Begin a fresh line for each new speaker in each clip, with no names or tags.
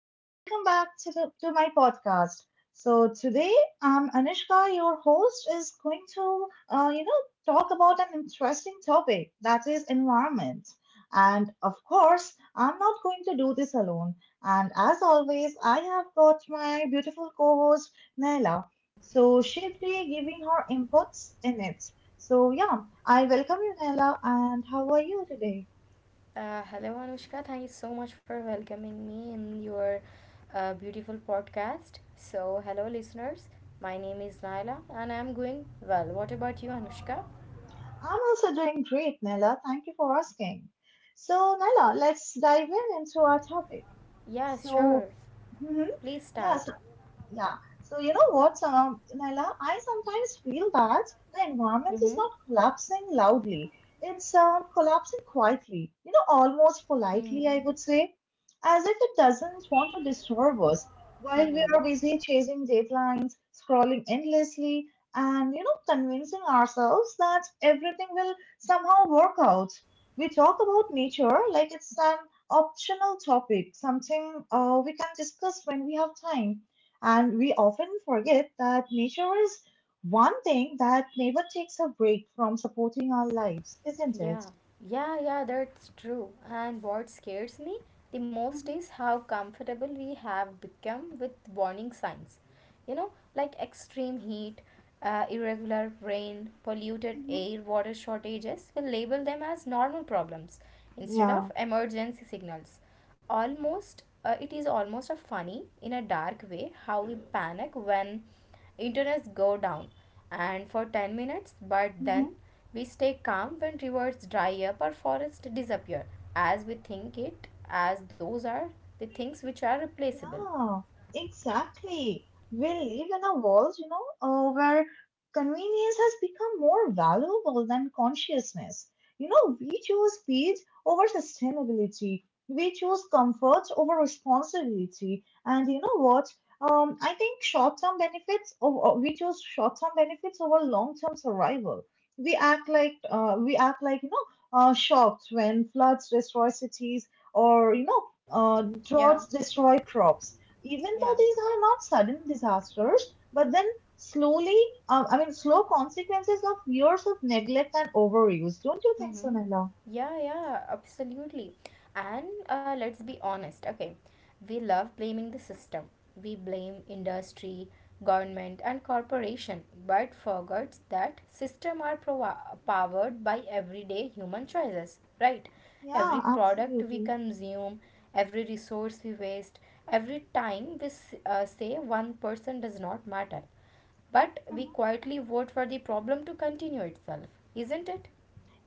and welcome back to, to my podcast. So today, Anushka, your host, is going to, talk about an interesting topic that is environment. And of course, I'm not going to do this alone. And as always, I have got my beautiful co-host Naila. So she'll be giving her inputs in it. So yeah, I welcome you, Naila. And how are you today?
Hello, Anushka. Thank you so much for welcoming me in your beautiful podcast. So, hello, listeners. My name is Naila and I'm going well. What about you, Anushka?
I'm also doing great, Nella. Thank you for asking. So, Nella, let's dive in into our topic.
Yeah,
So,
sure.
mhm.
Please
Yeah,
start.
yeah. So you know what, Naila, I sometimes feel that the environment is
Mm-hmm.
not collapsing loudly. It's collapsing quietly, you know, almost politely,
Mm-hmm.
I would say, as if it doesn't want to disturb us while we
Mm-hmm.
are busy chasing deadlines, scrolling endlessly, and, you know, convincing ourselves that everything will somehow work out. We talk about nature like it's an optional topic, something we can discuss when we have time, and we often forget that nature is one thing that never takes a break from supporting our lives, isn't it?
Yeah, yeah, that's true. And what scares me the most is how comfortable we have become with warning signs. You know, like extreme heat, irregular rain, polluted
Mm-hmm.
air, water shortages, we label them as normal problems
Mm-hmm.
instead
Yeah.
of emergency signals almost it is almost a funny in a dark way how we panic when internets go down and for 10 minutes but then we stay calm when rivers dry up or forests disappear as we think it as those are the things which are replaceable.
Yeah, exactly. We live in a world, where convenience has become more valuable than consciousness. You know, we choose speed over sustainability. We choose comfort over responsibility. And you know what? I think short-term benefits, over, We choose short-term benefits over long-term survival. We act like, shocked when floods destroy cities or,
Yeah,
droughts destroy crops. Even though
yeah.
these are not sudden disasters, but then slowly, slow consequences of years of neglect and overuse. Don't you think so,
Mm-hmm.
Nella?
Yeah, absolutely. And let's be honest, okay, we love blaming the system. We blame industry, government, and corporation, but forgets that system are powered by everyday human choices, right?
Yeah,
Every product we
absolutely.
consume, every resource we waste, every time we say one person does not matter, but we
Mm-hmm.
quietly vote for the problem to continue itself, isn't it?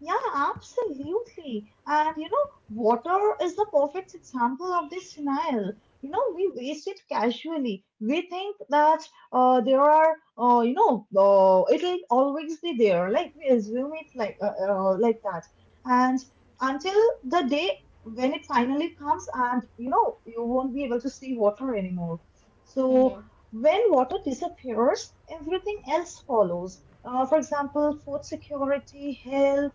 Yeah, absolutely. And you know, water is the perfect example of this denial. You know, we waste it casually. We think that there are, you know, it'll always be there. Like we assume it like that, and until the day when it finally comes, and you know, you won't be able to see water anymore. So when water disappears, everything else follows. For example, food security, health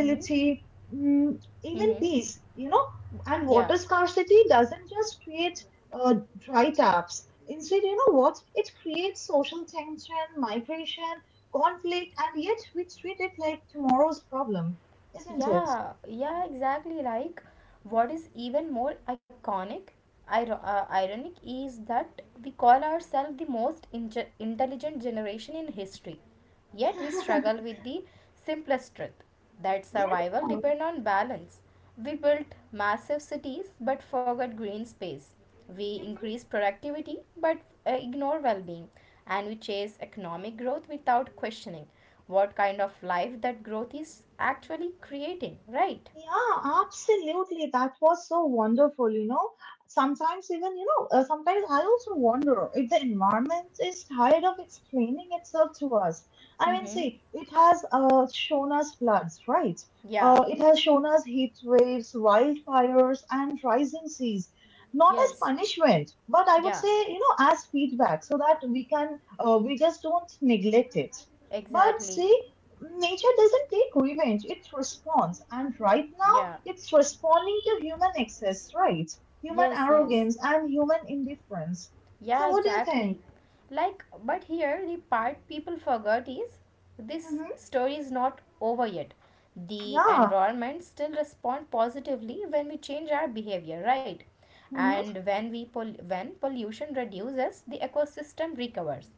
Hmm.
mm, even
Hmm.
peace, you know. And
Yeah.
water scarcity doesn't just create dry taps. Instead, you know what? It creates social tension, migration, conflict, and yet we treat it like tomorrow's problem, isn't it?
Yeah. Yeah. Exactly. Like, what is even more iconic, ironic is that we call ourselves the most intelligent generation in history, yet we struggle with the simplest truth that survival depend on balance. We built massive cities but forgot green space. We
Yeah.
increase productivity but ignore well-being, and we chase economic growth without questioning what kind of life that growth is actually creating, right?
Yeah, absolutely. That was so wonderful, you know. Sometimes, even, sometimes I also wonder if the environment is tired of explaining itself to us. I mean,
Mm-hmm.
see, it has shown us floods, right?
Yeah,
It has shown us heat waves, wildfires, and rising seas. Not as
yes,
punishment, but I would
yeah,
say, you know, as feedback so that we can, we just don't neglect it. But
exactly.
see, nature doesn't take revenge, it responds. And right now,
Yeah,
it's responding to human excess, right? Human
yes, yes.
arrogance and human indifference.
Yeah,
So, what do you
exactly.
think?
Like, but here the part people forgot is this
Mm-hmm.
story is not over yet. The
Yeah.
environment still respond positively when we change our behavior, right?
Mm-hmm.
And when we when pollution reduces, the ecosystem recovers.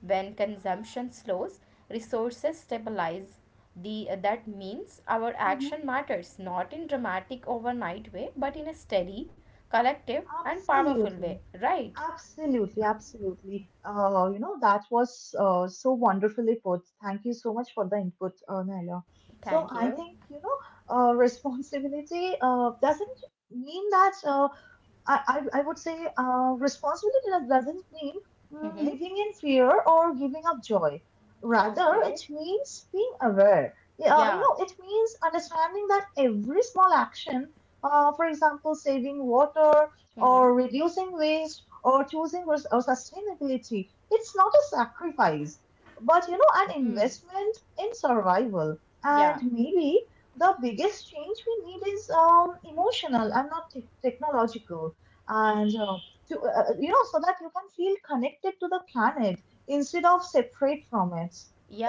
When consumption slows, resources stabilize. The that means our
Mm-hmm.
action matters not in dramatic overnight way, but in a steady, collective, and powerful way,
Absolutely.
right?
Absolutely. Absolutely. You know, that was so wonderfully put. Thank you so much for the input, Naila. So,
Thank you.
I think, responsibility doesn't mean that. I, I would say responsibility doesn't mean mm,
Mm-hmm.
living in fear or giving up joy. Rather,
Okay.
it means being aware. Yeah, you
Yeah.
know, it means understanding that every small action, for example, saving water
Mm-hmm.
or reducing waste or or sustainability, it's not a sacrifice, but you know, an
Hmm.
investment in survival.
Yeah.
And maybe the biggest change we need is emotional and not technological and to you know, so that you can feel connected to the planet instead of separate from it,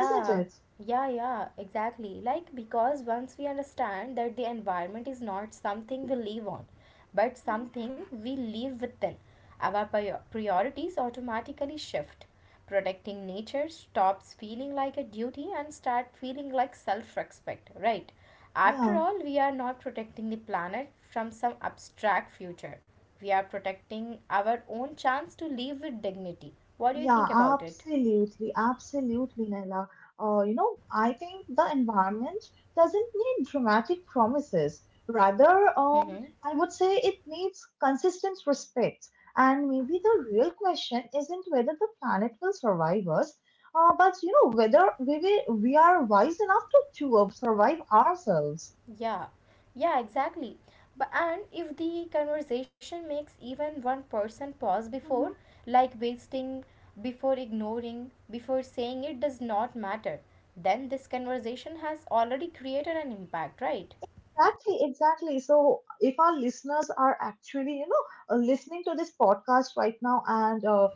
isn't it?
yeah, exactly. Like, because once we understand that the environment is not something we live on, but
Mhm.
something we live within, our priorities automatically shift. Protecting nature stops feeling like a duty and start feeling like self-respect, right? After
Yeah.
all, we are not protecting the planet from some abstract future. We are protecting our own chance to live with dignity. What do you
Yeah,
think about it?
absolutely, absolutely, Naila. You know, I think the environment doesn't need dramatic promises. Rather,
Mm-hmm.
I would say it needs consistent respect. And
Yeah.
maybe the real question isn't whether the planet will survive us, but you know, we are wise enough to, survive ourselves.
Yeah, yeah, exactly. But and if the conversation makes even one person pause before,
Mhm.
like wasting, before ignoring, before saying it does not matter, then this conversation has already created an impact, right?
Exactly, exactly. So, if our listeners are actually, listening to this podcast right now, and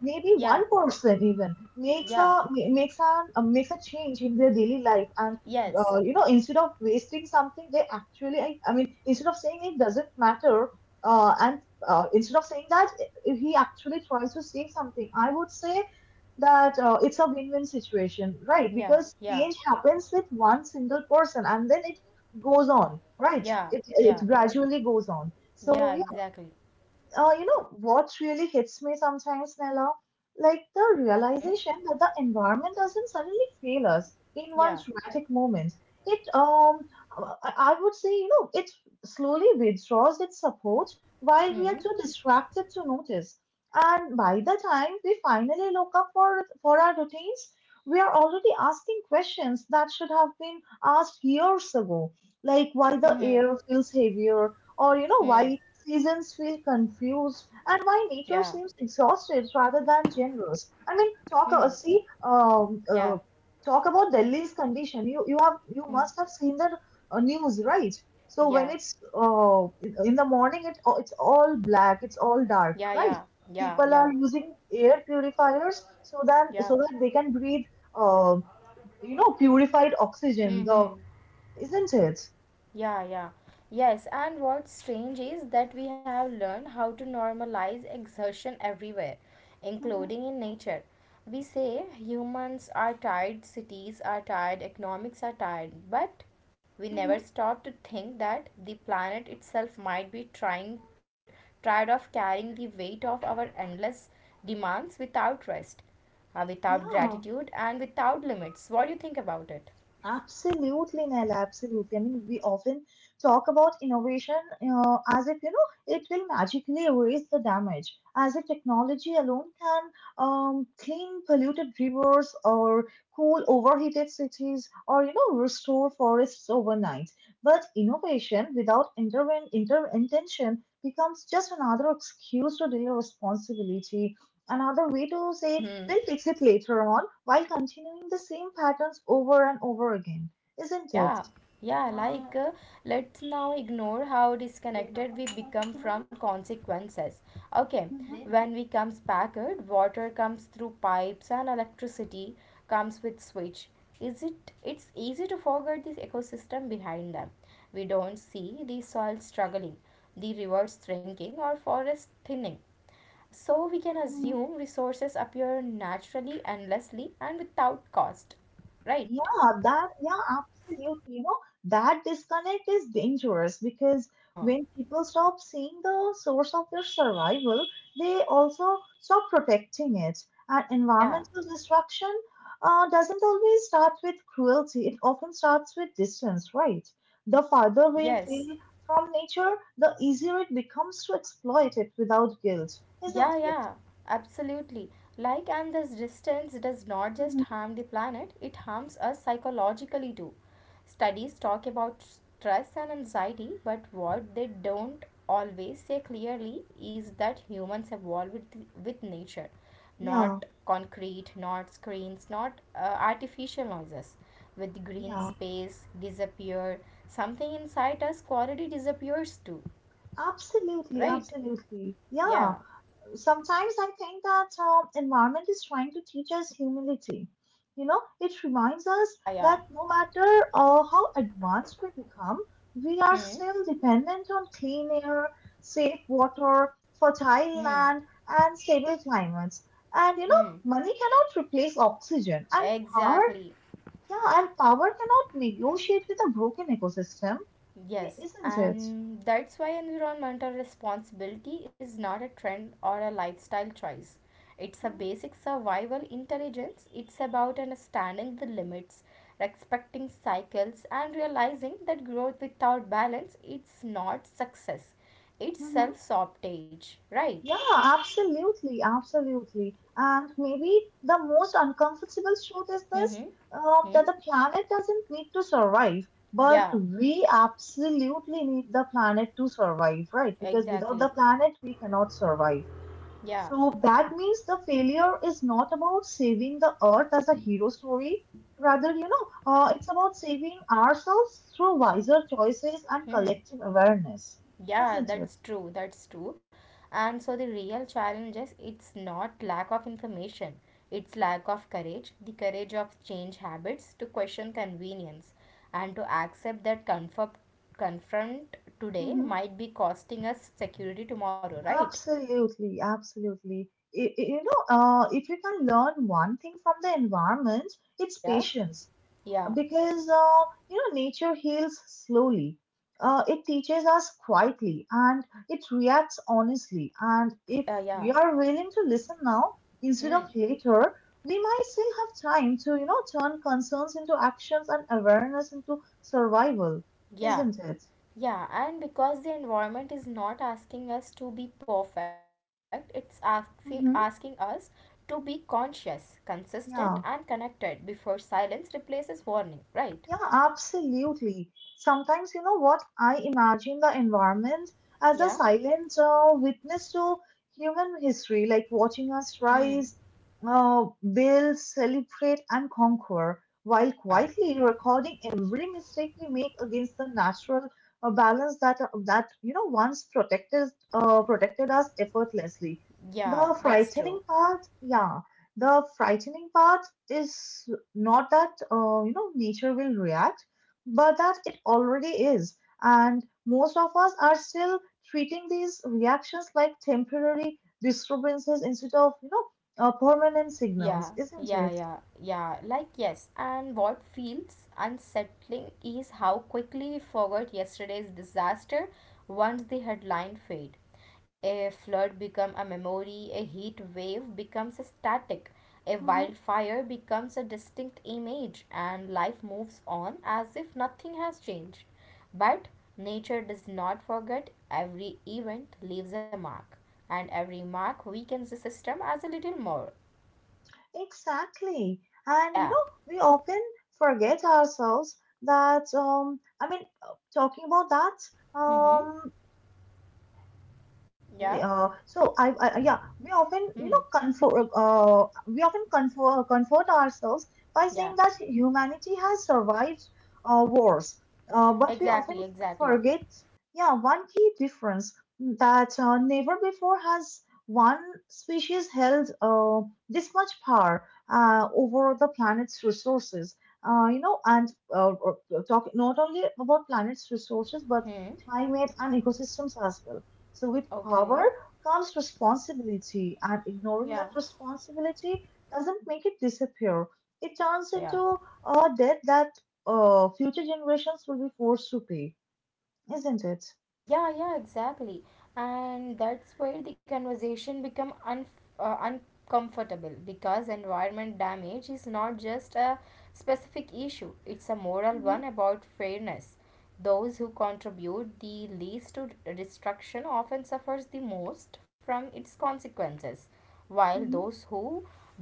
maybe one
Yeah,
person even makes a
yeah,
ma- makes an makes a change in their daily life, and
yes,
you know, instead of wasting something, they actually, I mean, instead of saying it doesn't matter, and instead of saying that, if he actually tries to save something, I would say that it's a win-win situation, right?
yeah,
Because
yeah,
change happens with one single person, and then it goes on, right?
yeah,
It
yeah,
gradually goes on. So
yeah, exactly.
you know what really hits me sometimes, Nella? Like the
Hmm,
realization that the environment doesn't suddenly fail us in one
yeah,
dramatic moment. It, I would say, you know, it slowly withdraws its support while we
hmm,
are too distracted to notice. And by the time we finally look up for our routines, we are already asking questions that should have been asked years ago, like why the
hmm,
air feels heavier, or you know, why seasons feel confused, and why
yeah,
nature seems exhausted rather than generous. I mean,
hmm, yeah,
talk about Delhi's condition. You have, you
hmm,
must have seen the news, right? So
yeah,
when it's in the morning, it's all black, it's all
yeah,
dark,
yeah,
right?
yeah,
People
yeah,
are using air purifiers
yeah,
so that they can breathe, uh, you know, purified oxygen.
hmm.
The, isn't it?
Yeah, yeah. Yes, and what's strange is that we have learned how to normalize exertion everywhere,
Hmm.
including in nature. We say humans are tired, cities are tired, economics are tired, but we
Hmm.
never stop to think that the planet itself might be trying tired of carrying the weight of our endless demands without rest, without
Yeah.
gratitude and without limits. What do you think about it?
Absolutely, Nell. Absolutely. I mean, we often talk about innovation as if you know it will magically erase the damage, as if technology alone can clean polluted rivers or cool overheated cities or you know restore forests overnight. But innovation without interven- inter intention becomes just another excuse to delay responsibility, another way to say
Mm-hmm.
they'll fix it later on while continuing the same patterns over and over again, isn't it?
Yeah, yeah, like let's now ignore how disconnected we become from consequences. Okay, when we comes packed, water comes through pipes and electricity comes with switch. Is it it's easy to forget this ecosystem behind them. We don't see the soil struggling, the rivers shrinking or forest thinning. So we can
Mhm.
assume resources appear naturally, endlessly and without cost. Right?
Yeah, absolutely. You know, that disconnect is dangerous because
Huh.
when people stop seeing the source of their survival, they also stop protecting it. And
Yeah.
environmental destruction doesn't always start with cruelty, it often starts with distance, right? The farther we
Yes,
feel from nature, the easier it becomes to exploit it without guilt, isn't
yeah,
it?
yeah, absolutely. Like, and this distance does not just
Mhm.
harm the planet, it harms us psychologically too. Studies talk about stress and anxiety, but what they don't always say clearly is that humans evolved with nature,
Yeah,
not concrete, not screens, not artificial noises. With green
yeah,
space disappear, something inside us quality disappears too,
absolutely,
right?
absolutely. Yeah.
Yeah,
Sometimes I think that environment is trying to teach us humility. You know, it reminds us
yeah, yeah.
that no matter how advanced we become, we are
Hmm,
still dependent on clean air, safe water, fertile
hmm,
land, and stable climates. And you know,
hmm.
money cannot replace oxygen, and power,
Exactly.
yeah, and power cannot negotiate with a broken ecosystem. Yeah,
Yes.
isn't it?
And that's why environmental responsibility is not a trend or a lifestyle choice. It's a
Mhm.
basic survival intelligence. It's about understanding the limits, respecting cycles, and realizing that growth without balance it's not success. It's
Mhm.
self-sabotage, right?
Yeah, absolutely, absolutely. And maybe the most uncomfortable truth is this,
Mm-hmm. Hmm.
that the planet doesn't need to survive, but
Yeah.
we absolutely need the planet to survive, right? Because without the
Exactly.
planet, we cannot survive.
Yeah.
So that means the failure is not about saving the earth as a hero story. Rather, it's about saving ourselves through wiser choices and
Hmm.
collective awareness,
Yeah,
isn't it?
that's true. That's true. And so the real challenge is it's not lack of information, it's lack of courage, the courage of change habits, to question convenience, and to accept that comfort confront today
Mm-hmm.
might be costing us security tomorrow, right?
Absolutely, absolutely. You know, if you can learn one thing from the environment, it's
Yeah,
patience,
yeah,
because you know, nature heals slowly. It teaches us quietly and it reacts honestly. And
yeah,
if
yeah,
we are willing to listen now instead of later, we might still have time to you know turn concerns into actions and awareness into survival,
yeah.
isn't it?
Yeah, and because the environment is not asking us to be perfect, it's asking us
Mm-hmm.
to be conscious, consistent, and
Yeah.
connected before silence replaces warning, right?
Yeah, absolutely. Sometimes, you know what, I imagine the environment as a
Yeah.
silent witness to human history, like watching us
Hmm.
rise, uh, build, celebrate, and conquer, while
Yeah.
quietly recording every mistake we make against the natural balance that you know once protected us effortlessly.
Yeah,
The
that's true.
frightening part, yeah, the frightening part is not that, you know, nature will react, but that it already is. And most of us are still treating these reactions like temporary disturbances instead of, permanent
Yeah,
signals, isn't
yeah,
it?
yeah, yeah. Like, yes. And what feels unsettling is how quickly we forgot yesterday's disaster once the headline fade. A flood become a memory, a heat wave becomes a static, a
Hmm.
wildfire becomes a distinct image, and life moves on as if nothing has changed. But nature does not forget every event leaves a mark, and every mark weakens the system as a little more.
Exactly.
Yeah.
And you know, we often forget ourselves that talking about that,
Mm-hmm.
um
Yeah.
we, so I yeah, we often you
Hmm.
know comfort we often comfort, comfort ourselves by
Yeah.
saying that humanity has survived wars, but we often
Exactly. Exactly.
forget, yeah, one key difference, mm, that never before has one species held this much power over the planet's resources, you know and talk not only about planet's resources but
Hmm.
climate and ecosystems as well. So with power
Okay.
comes responsibility, and
Yeah.
ignoring that responsibility doesn't make it disappear. It
Yeah.
turns
Yeah.
into a debt that future generations will be forced to pay, isn't it?
Yeah. Yeah. Exactly. And that's where the conversation become un uncomfortable because environment damage is not just a specific issue; it's a moral one about fairness. Those who contribute the least to destruction often suffers the most from its consequences, while those
Hmm.
who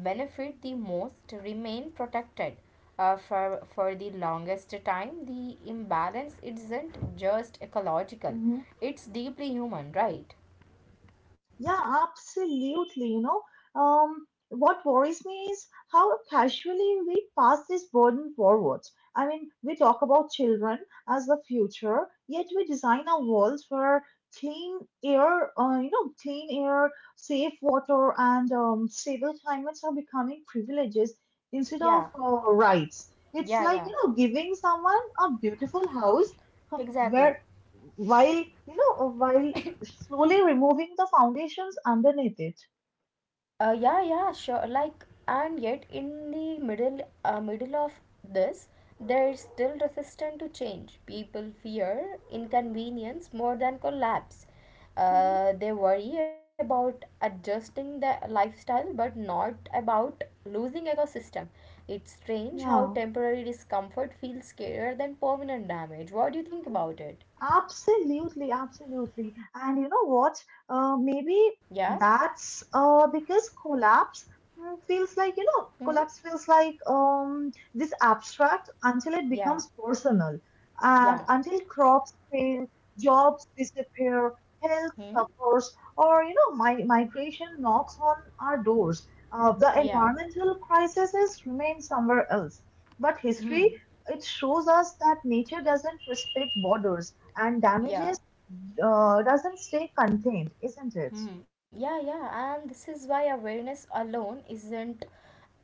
benefit the most remain protected. For the longest time, the imbalance isn't just ecological,
Hmm.
it's deeply human, right?
Yeah, absolutely. You know, what worries me is how casually we pass this burden forward. I mean, we talk about children as the future, yet we design a world where clean air, clean air, safe water, and stable climates are becoming privileges instead
Yeah,
of rights. It's
yeah,
like,
yeah,
you know, giving someone a beautiful house
exactly.
where while you know while slowly removing the foundations underneath it.
Yeah, yeah, sure. Like, and yet in the middle, middle of this, they're still resistant to change. People fear inconvenience more than collapse.
Mhm.
They worry about adjusting their lifestyle, but not about losing ecosystem. It's strange how
Yeah.
temporary discomfort feels scarier than permanent damage. What do you think about it?
Absolutely, absolutely. And you know what? Maybe
Yeah.
that's because collapse feels like, you know,
Hmm.
collapse feels like um, this abstract until it
Yeah.
becomes personal.
Yeah.
And until crops fail, jobs disappear, health
Hmm.
suffers, or, you know, mi migration knocks on our doors. The
Yeah.
environmental crises remain somewhere else. But
Hmm.
history, it shows us that nature doesn't respect borders and
Yeah.
damages doesn't stay contained, isn't it?
Mhm. Yeah, yeah, and this is why awareness alone isn't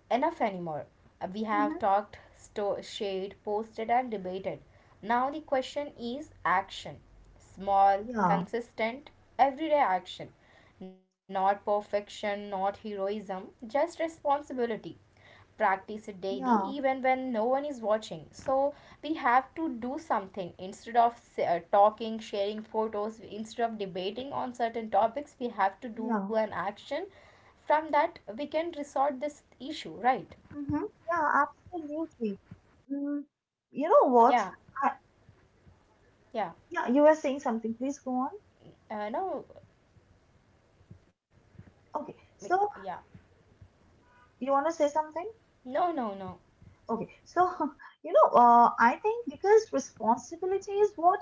enough anymore. We
Hmm.
have talked, shared, posted, and debated, now the question is action. Small,
Yeah,
consistent, everyday action. Not perfection, not heroism, just responsibility. Practice it daily,
yeah,
even when no one is watching. So we have to do something instead of talking, sharing photos, instead of debating on certain topics, we have to do an
yeah,
action. From that, we can resolve this issue, right?
hmm, yeah, absolutely. Mm, you know what?
Yeah,
I,
yeah.
yeah, you were saying something. Please go on.
No,
Okay,
we-
so
yeah.
you want to say something?
No, no, no.
Okay, so you know, I think because responsibility is what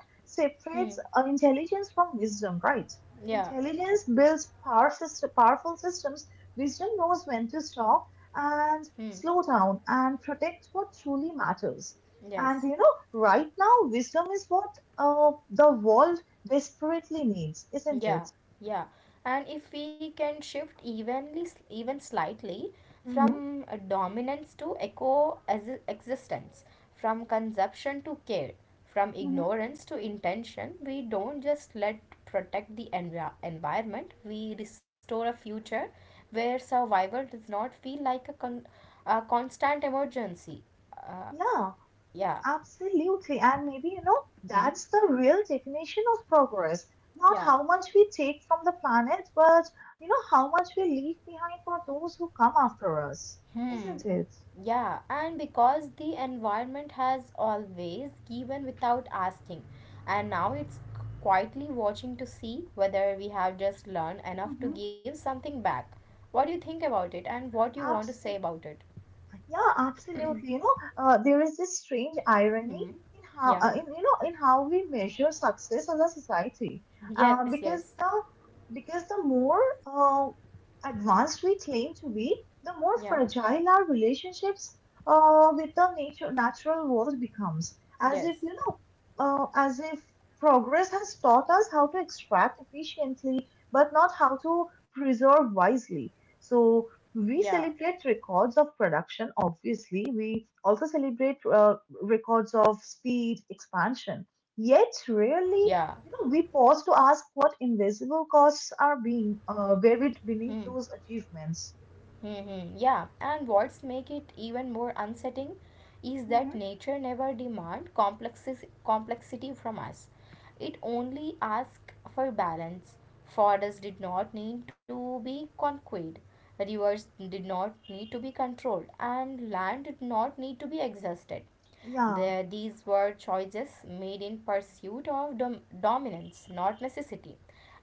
Hmm.
separates intelligence from wisdom, right?
Yeah.
Intelligence builds power system, powerful systems. Wisdom knows when to stop and
Hmm.
slow down and protect what truly matters. And
Yes.
you know, right now, wisdom is what the world desperately needs, isn't
Yeah.
it?
Yeah. And if we can shift evenly, even slightly,
Hmm.
from dominance to eco as existence, from consumption to care, from
Hmm.
ignorance to intention, we don't just let protect the environment. We restore a future where survival does not feel like a, a constant emergency. Uh,
Yeah.
yeah.
Absolutely. And maybe, you know,
Hmm.
that's the real definition of progress. Not
Yeah.
how much we take from the planet, but, you know, how much we leave behind for those who come after us.
Hmm.
Isn't it?
Yeah, and because the environment has always given without asking, and now it's quietly watching to see whether we have just learned enough to
Hmm.
give something back. What do you think about it, and what you want to say about it?
Yeah, absolutely. You know, there is this strange irony
Hmm. Yeah.
in you know in how we measure success as a society, uh,
Yes.
because
Yes.
the because the more uh, advanced we claim to be, the more
Yeah.
fragile our relationships with the nature natural world becomes. As if
Yes.
you know, as if progress has taught us how to extract efficiently, but not how to preserve wisely.
Yeah.
So we celebrate records of production, obviously we also celebrate records of speed expansion, yet rarely
Yeah.
you know we pause to ask what invisible costs are being buried
Hmm.
beneath those achievements.
Mm-hmm. Yeah, and what's make it even more unsettling is that
Hmm,
nature never demand complexes complexity from us. It only asks for balance. Forests did not need to be conquered. Rivers did not need to be controlled, and land did not need to be exhausted.
yeah.
The, these were choices made in pursuit of dominance, not necessity.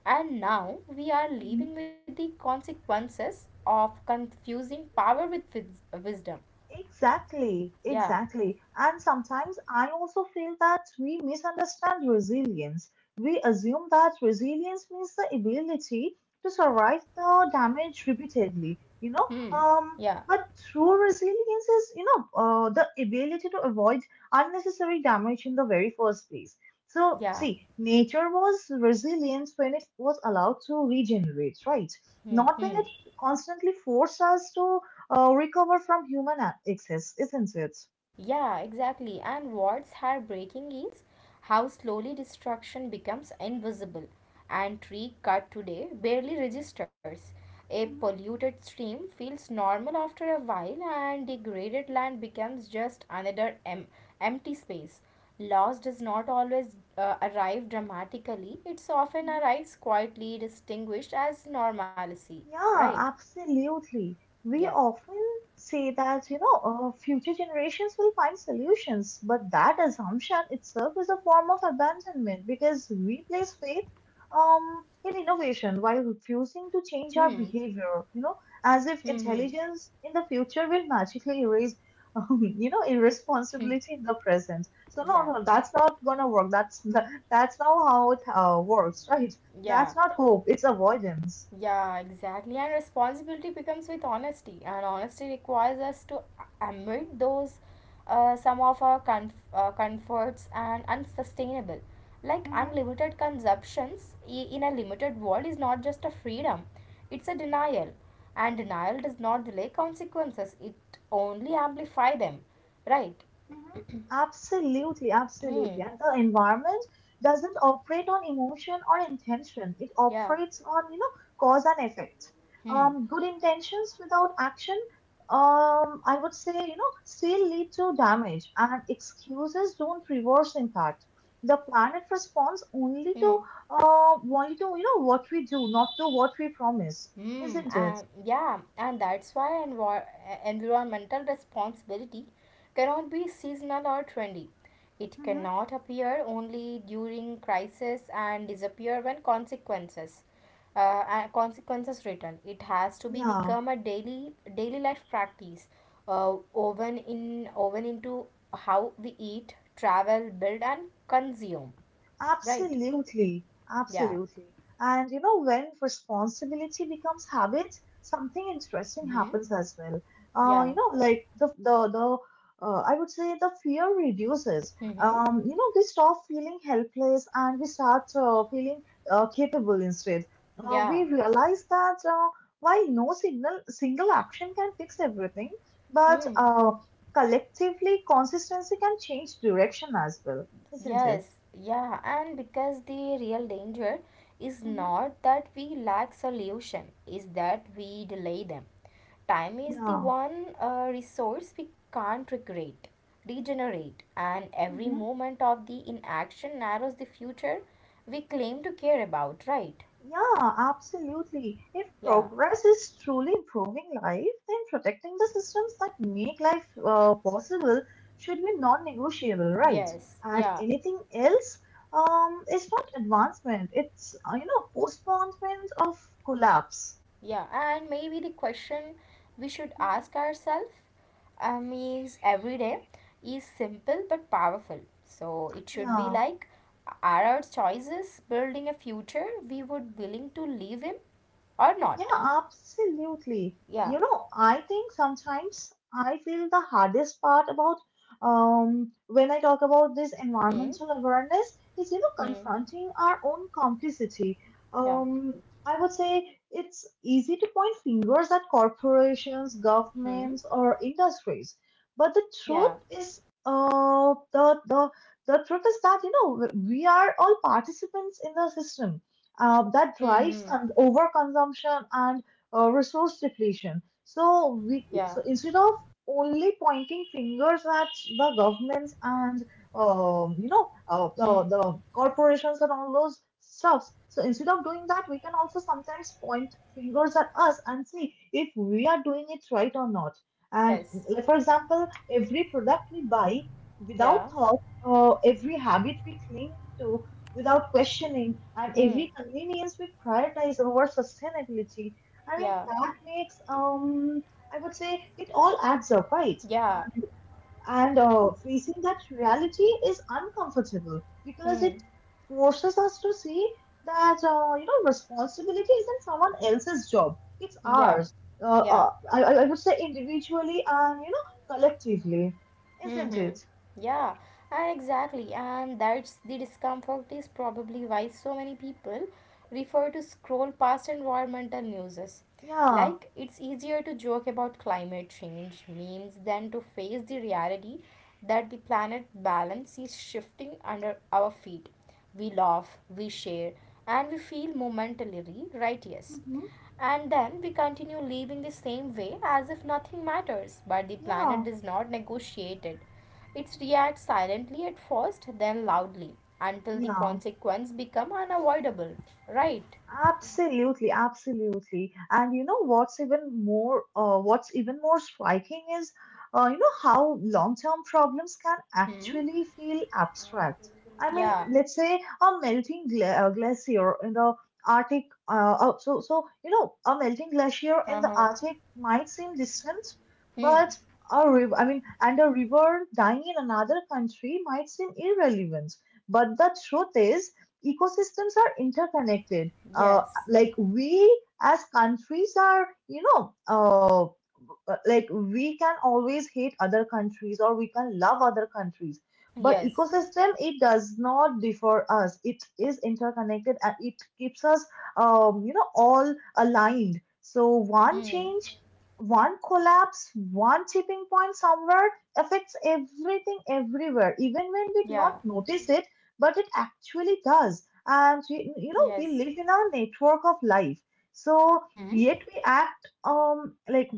And now we are living with the consequences of confusing power with wisdom.
Exactly,
Yeah.
exactly. And sometimes I also feel that we misunderstand resilience. We assume that resilience means the ability to survive the damage repeatedly, you know.
Hmm.
Um,
Yeah.
but true resilience is, you know, the ability to avoid unnecessary damage in the very first place. So,
Yeah.
see, nature was resilient when it was allowed to regenerate, right?
Hmm.
Not when
Hmm.
it constantly forced us to recover from excess, isn't it?
Yeah, exactly. And what's heartbreaking is how slowly destruction becomes invisible. And tree cut today barely registers. A
Mhm,
polluted stream feels normal after a while, and degraded land becomes just another empty space. Loss does not always arrive dramatically, It's often
mhm.
arrives quietly, distinguished as normalcy. Right?
Yeah, absolutely.
Yeah.
We often say that, you know, future generations will find solutions, but that assumption itself is a form of abandonment because we place faith in innovation while refusing to change
Hmm.
our behavior, you know, as if
Hmm. Hmm.
intelligence in the future will magically erase, you know,
hmm.
irresponsibility in the present. So
Yeah.
no, no, that's not gonna work. That's that's not how it works, right?
Yeah.
That's not hope. It's avoidance.
Yeah, exactly. And responsibility becomes with honesty, and honesty requires us to admit those some of our comforts and unsustainable. Like
Mm-hmm.
unlimited consumptions in a limited world is not just a freedom, it's a denial. And denial does not delay consequences, it only amplify them. Right?
Mhm. Absolutely,
hmm.
absolutely. And the environment doesn't operate on emotion or intention. It
Yeah.
operates on, you know, cause and effect.
Hmm.
Good intentions without action, I would say, you know, still lead to damage, and excuses don't reverse impact. The planet responds only to,
Hmm.
you know, what we do, not to what we promise, isn't
And
it?
yeah, and that's why environmental responsibility cannot be seasonal or trendy. It
Mm-hmm.
cannot appear only during crisis and disappear when consequences return. It has to be
Yeah.
become a daily life practice, woven into how we eat, travel, build, and consume. Right?
Absolutely,
Yeah.
absolutely. And you know, when responsibility becomes habit, something interesting happens as well.
Yeah.
You know, like the I would say the fear reduces.
Mm-hmm.
You know, we stop feeling helpless and we start feeling capable instead. We
Yeah.
realize that while no signal single action can fix everything, but
Mm.
uh, collectively consistency can change direction as well, isn't it?
Yes, yeah, and because the real danger is
Mm-hmm.
not that we lack solution, is that we delay them. Time is the
Yeah.
one resource we can't recreate, regenerate, and every
Hmm.
moment of the inaction narrows the future we claim to care about, right?
Yeah, absolutely. If
Yeah,
progress is truly improving life, then protecting the systems that make life possible should be non-negotiable,
yes,
right? And
yeah,
anything else is not advancement. It's, you know, postponement of collapse.
Yeah, and maybe the question we should ask
Mhm.
ourselves is every day is simple but powerful. So it should be
Yeah.
like, are our choices building a future we would willing to live in or
Yeah,
not?
absolutely.
Yeah.
You know, I think sometimes I feel the hardest part about when I talk about this
Hmm.
environmental awareness is, you know,
Hmm.
confronting our own complicity.
Yeah.
Um, I would say it's easy to point fingers at corporations,
Hmm.
governments, or industries, but the truth
Yeah.
is, the truth is that you know we are all participants in the system that
Hmm.
drives
Hmm.
overconsumption and resource depletion. So we
Yeah.
so instead of only pointing fingers at the governments and you know
Hmm.
the corporations and all those stuffs. So instead of doing that, we can also sometimes point fingers at us and see if we are doing it right or not. And
Yes.
like, for example, every product we buy
Yeah.
without thought, every habit we cling to, without questioning, and
Hmm.
every convenience we prioritize over sustainability. I mean,
Yeah.
that makes, I would say, it all adds up, right?
Yeah.
And facing that reality is uncomfortable because
Hmm.
it forces us to see that you know responsibility isn't someone else's job; it's
Yeah.
ours.
Yeah.
I would say individually and you know collectively, isn't
Mm-hmm.
it?
Yeah, and exactly. And that's the discomfort is probably why so many people refer to scroll past environmental news.
Yeah.
Like, it's easier to joke about climate change memes than to face the reality that the planet balance is shifting under our feet. We laugh, we share, and we feel momentarily righteous.
Hmm.
And then we continue living the same way as if nothing matters, but the planet
Yeah.
does not negotiate it. It reacts silently at first, then loudly, until the
Yeah.
consequence become unavoidable. Right?
Absolutely, absolutely. And you know what's even more striking is you know how long-term problems can
Hmm?
actually feel abstract. I mean,
Yeah.
let's say a melting gla glacier in the Arctic you know a melting glacier in the
Uh-huh.
Arctic might seem distant,
Hmm.
but a river I mean and a river dying in another country might seem irrelevant. But the truth is ecosystems are interconnected, uh,
Yes.
like we as countries are you know like we can always hate other countries or we can love other countries, but
Yes.
ecosystem it does not differ us, it is interconnected and it keeps us you know all aligned. So one
Hmm.
change, one collapse, one tipping point somewhere affects everything everywhere, even when we do not
Yeah.
notice it, but it actually does, and we, you know, we
Yes.
live in a network of life. So
Mm-hmm.
yet we act um like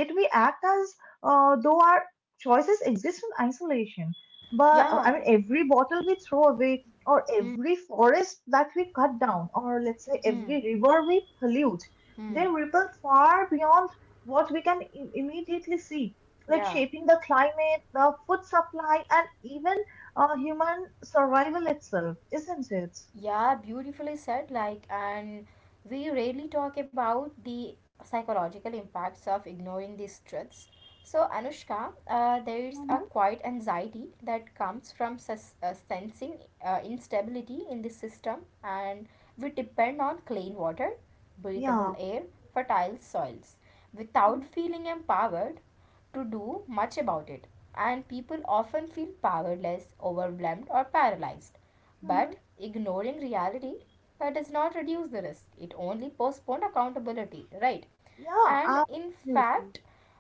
yet we act as though our choices exist in isolation, but I
Yeah,
mean every bottle we throw away, or every forest that we cut down, or let's say every river we pollute, they ripple far beyond what we can immediately see, like
yeah,
shaping the climate, the food supply, and even human survival itself, isn't it?
yeah, beautifully said. Like, and we rarely talk about the psychological impacts of ignoring these truths. So, Anushka, there's a
Hmm,
quiet anxiety that comes from sus sensing instability in the system, and we depend on clean water, breathable
yeah,
air, fertile soils. Without
hmm,
feeling empowered to do much about it. And people often feel powerless, overwhelmed, or paralyzed. But
hmm,
ignoring reality that does not reduce the risk, it only postpones accountability, right?
yeah,
And in
absolutely.
fact,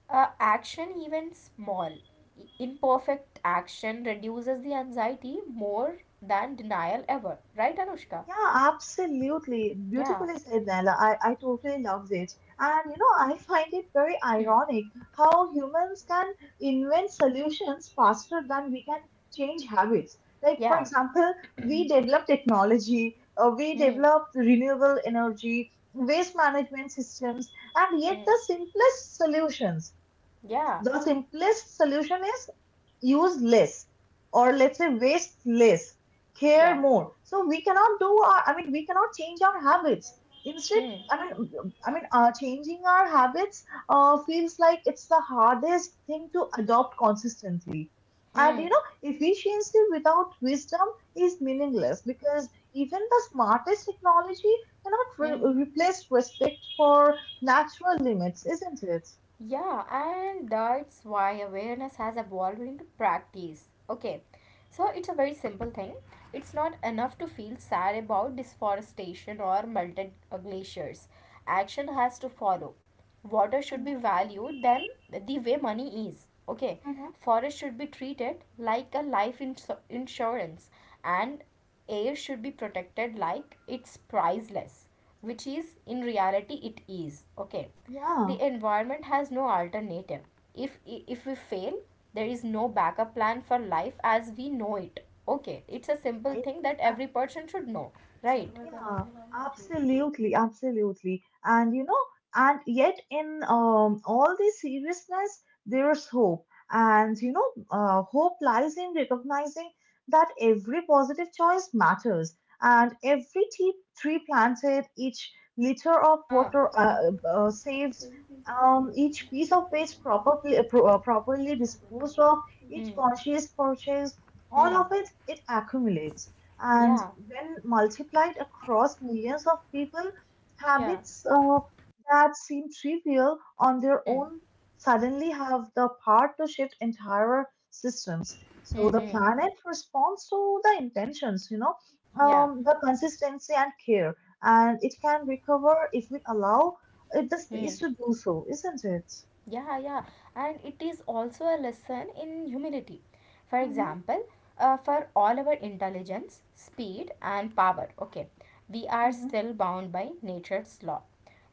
action, even small, imperfect action, reduces the anxiety more than denial ever, right, Anushka?
Yeah, absolutely.
Yeah.
Beautifully said, Nella. I totally loved it. And you know, I find it very
Hmm.
ironic how humans can invent solutions faster than we can change habits. Like, for
Yeah.
example, we develop technology, we
Hmm.
develop renewable energy, waste management systems, and yet
Hmm.
the simplest solutions,
Yeah.
the simplest solution is use less, or let's say waste less, care
Yeah.
more. So we cannot do our, I mean we cannot change our habits instead.
Hmm.
I mean i mean uh, changing our habits feels like it's the hardest thing to adopt consistently, and you
Hmm.
know efficiency without wisdom is meaningless because even the smartest technology cannot
Hmm.
replace respect for natural limits, isn't it?
Yeah, and that's why awareness has evolved into practice. Okay, so it's a very simple thing. It's not enough to feel sad about deforestation or melted glaciers. Action has to follow. Water should be valued than the way money is. Okay,
Mm-hmm.
forest should be treated like a life insurance, and air should be protected like it's priceless, which is in reality it is. Okay,
Yeah.
the environment has no alternative. If we fail, there is no backup plan for life as we know it. Okay, it's a simple thing that every person should know, right?
Yeah, absolutely, absolutely. And you know, and yet in all this seriousness, there's hope. And you know, hope lies in recognizing that every positive choice matters, and every tree planted, each liter of
Huh.
water saved, each piece of waste properly disposed of, each
Hmm.
conscious purchase, all
Hmm.
of it it accumulates, and
Yeah.
when multiplied across millions of people,
Yeah.
habits that seem trivial on their
Hmm.
own suddenly have the power to shift entire systems. So
Hmm.
the
Hmm.
planet responds to the intentions, you know,
Yeah.
the consistency and care, and it can recover if we allow it the
Hmm.
space to do so, isn't it?
Yeah, and it is also a lesson in humility. For
Mm-hmm,
example, for all our intelligence, speed, and power, okay, we are
mm-hmm.
still bound by nature's law.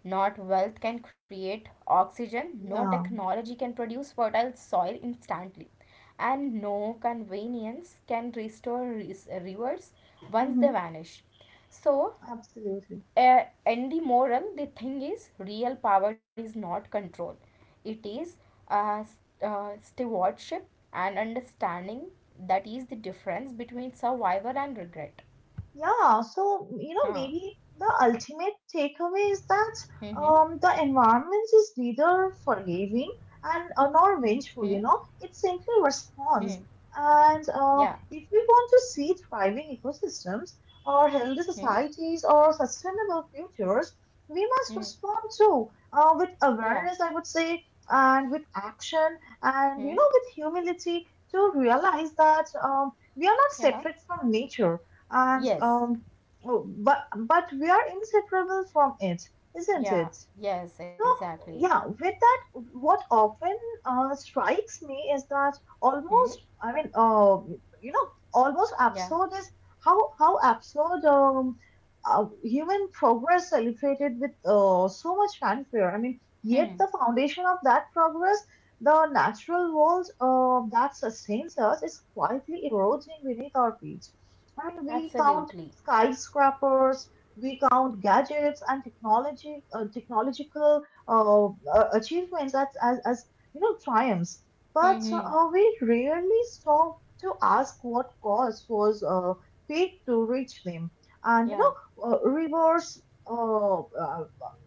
Not wealth can create oxygen, no
Yeah,
technology can produce fertile soil instantly, and no convenience can restore rivers once
mm-hmm,
they vanish. So,
absolutely.
in the moral the thing is real power is not control, it is uh, s- stewardship and understanding that is the difference between survivor and regret.
Yeah, so you know,
Huh.
maybe the ultimate takeaway is that
Mm-hmm.
the environment is neither forgiving and
hmm
nor vengeful, you know, it simply
hmm.
responds.
Yeah.
And if we want to see thriving ecosystems or
Hmm.
healthy societies or sustainable futures, we
Hmm.
must respond too, with
Yeah.
awareness, I would say, and with action, and you know,
Hmm.
with humility to realize that we are not
Yeah.
separate from nature and
Yes.
oh, but we are inseparable from it, isn't
Yeah.
it?
Yeah.
So,
Exactly.
yeah, with that, what often strikes me is that almost,
Hmm.
I mean, uh, you know, almost
Yeah.
absurd is how absurd human progress celebrated with so much fanfare. I mean,
Hmm.
yet the foundation of that progress, the natural world that sustains us, is quietly eroding beneath our feet. I mean, we count
Absolutely.
skyscrapers, we count gadgets and technology, technological uh, achievements as you know triumphs, but
Hmm. Hmm.
we rarely stop to ask what cost was paid to reach them, and you know
Yeah.
rewards. Uh, uh,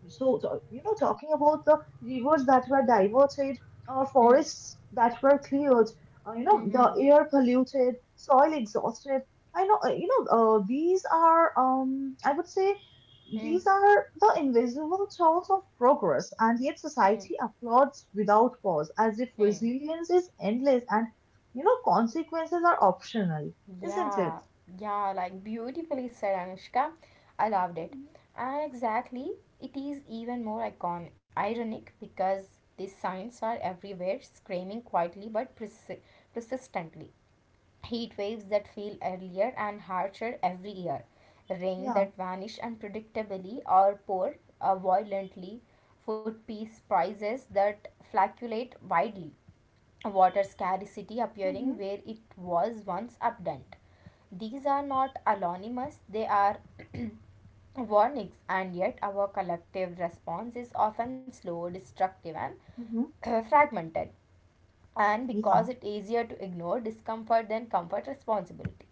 you know, talking about the rivers that were diverted, or
Hmm.
forests that were cleared, you know,
Hmm. Hmm.
the air polluted, soil exhausted. These are, I would say,
Hmm.
these are the invisible tools of progress, and yet
Hmm.
society applauds without pause, as if
Hmm.
resilience is endless and consequences are optional, isn't it?
Yeah, yeah, like beautifully said, Anushka. I loved it.
Mhm.
And exactly, it is even more icon ironic because these signs are everywhere, screaming quietly but persistently. Heat waves that feel earlier and harsher every year, rain
Yeah.
that vanish unpredictably or pour violently, food piece prices that fluctuate widely, water scarcity
Hmm.
appearing where it was once abundant. These are not anonymous, they are warnings, and yet our collective response is often slow, destructive, and
Hmm.
fragmented. And because
Yeah.
it's easier to ignore discomfort than comfort responsibility.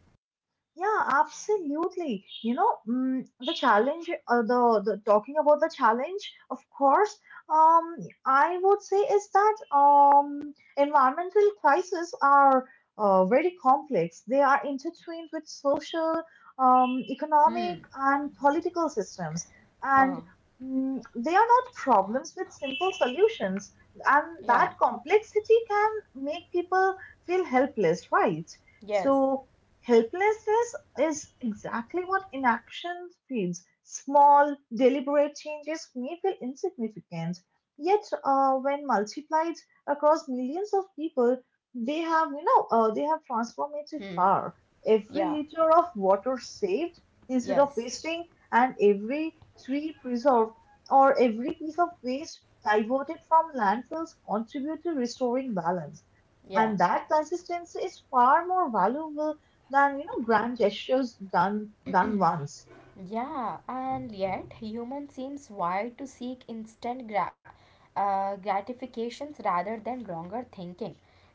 Yeah, absolutely. You know, the challenge, the talking about the challenge, of course, um, I would say is that environmental crises are very complex. They are intertwined with social, economic,
Hmm.
and political systems, and
Huh.
they are not problems with simple solutions. And
Yeah.
that complexity can make people feel helpless, right?
Yes.
So helplessness is exactly what inaction feels. Small, deliberate changes may feel insignificant, yet when multiplied across millions of people, they have, they have transformative
Hmm.
power. Every
Yeah.
liter of water saved instead of
Yes.
wasting, and every tree preserved, or every piece of waste diverted from landfills contribute to restoring balance.
Yeah.
And that consistency is far more valuable than grand gestures done once.
Yeah, and yet human seems wired to seek instant gratifications rather than longer thinking.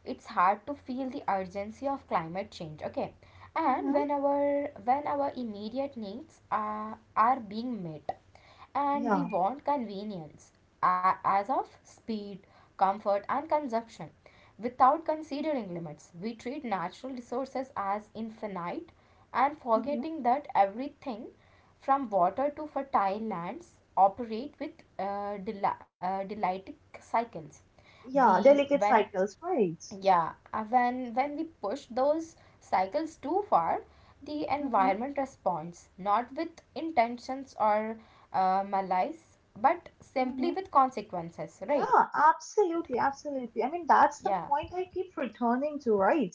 It's hard to feel the urgency of climate change. Okay, and
Hmm.
when our immediate needs are being met, and we
Yeah.
want convenience as of speed, comfort, and consumption, without considering limits, we treat natural resources as infinite and
Hmm.
forgetting that everything from water to fertile lands operate with delightic cycles.
Yeah.
we
Delicate
when
cycles, right?
yeah uh, when when we push those cycles too far, the
Hmm.
environment responds not with intentions or malice but simply
Hmm.
with consequences, right?
Yeah, absolutely, absolutely.
Yeah.
I mean, that's the point I keep returning to, right?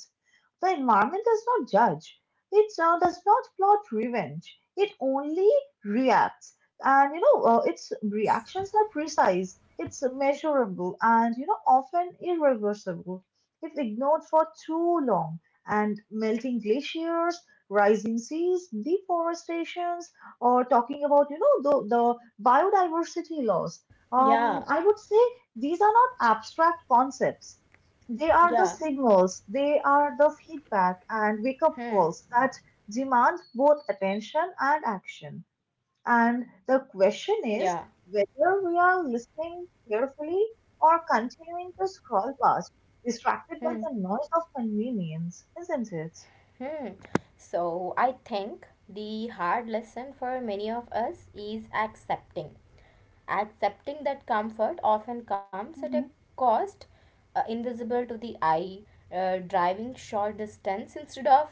The environment does not judge. It does not plot revenge. It only reacts. And, its
Yes.
reactions are precise, it's measurable, and, you know, often irreversible. If ignored for too long, and melting glaciers, rising seas, deforestations, or talking about, you know, the biodiversity loss,
Yeah,
I would say these are not abstract concepts. They are
yeah,
the signals, they are the feedback and wake up
hmm,
calls that demand both attention and action. And the question is
yeah.
whether we are listening carefully or continuing to scroll past, distracted by
Hmm.
the noise of convenience, isn't it?
Hmm. So I think the hard lesson for many of us is accepting. Accepting that comfort often comes at a
Hmm.
cost invisible to the eye, driving short distance instead of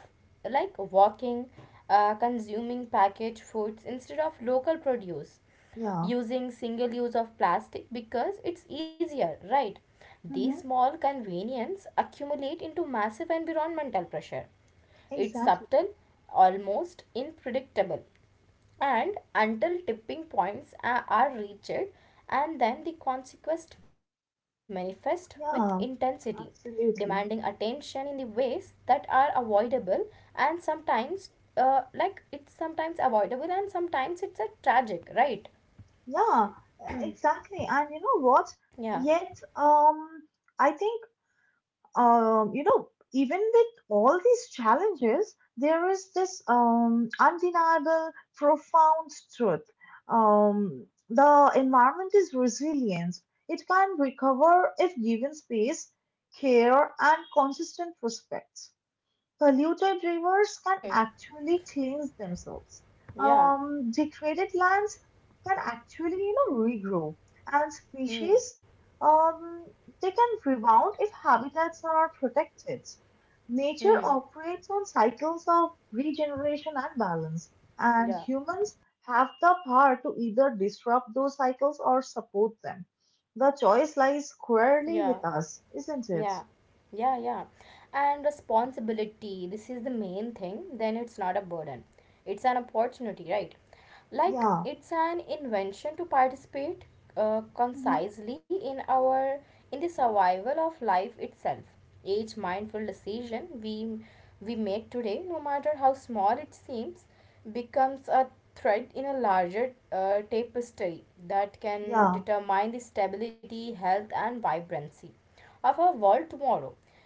like walking, consuming packaged foods instead of local produce,
Yeah,
using single use of plastic because it's easier, right? These
hmm,
small convenience accumulate into massive environmental pressure. It's
exactly.
subtle, almost unpredictable, and until tipping points are reached, and then the consequences manifest with intensity
Yeah,
demanding
absolutely.
attention in the ways that are avoidable and sometimes like it's sometimes avoidable and sometimes it's a tragic, right?
Yeah, exactly. And you know what?
Yeah.
Yet, I think, you know, even with all these challenges, there is this undeniable, profound truth. The environment is resilient. It can recover if given space, care, and consistent respect. Polluted rivers can
Hmm.
actually cleanse themselves.
Yeah.
Degraded lands can actually, you know, regrow, and
Hmm.
species um, they can rebound if habitats are protected. Nature
Hmm.
operates on cycles of regeneration and balance, and
Yeah.
humans have the power to either disrupt those cycles or support them. The choice lies squarely
Yeah.
with us, isn't it?
Yeah, yeah. And responsibility, this is the main thing, then it's not a burden. It's an opportunity, right? Like,
Yeah.
it's an invention to participate
Hmm.
concisely in our in the survival of life itself. Each mindful decision we make today, no matter how small it seems, becomes a thread in a larger tapestry that can
Yeah.
determine the stability, health, and vibrancy of our world tomorrow.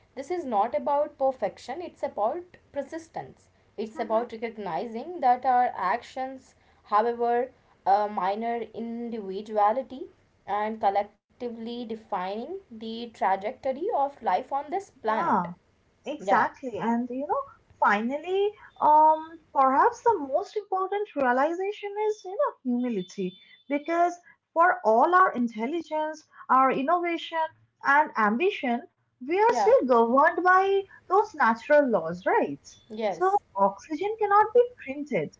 This is not about perfection, it's about persistence. It's
Mhm.
about recognizing that our actions, however minor individuality, and collectively defining the trajectory of life on this planet.
Yeah,
Yeah,
exactly. And you know, finally, um, perhaps the most important realization is, you know, humility. Because for all our intelligence, our innovation, and ambition, we are
yeah,
still governed by those natural laws, right? So
yes,
oxygen cannot be printed,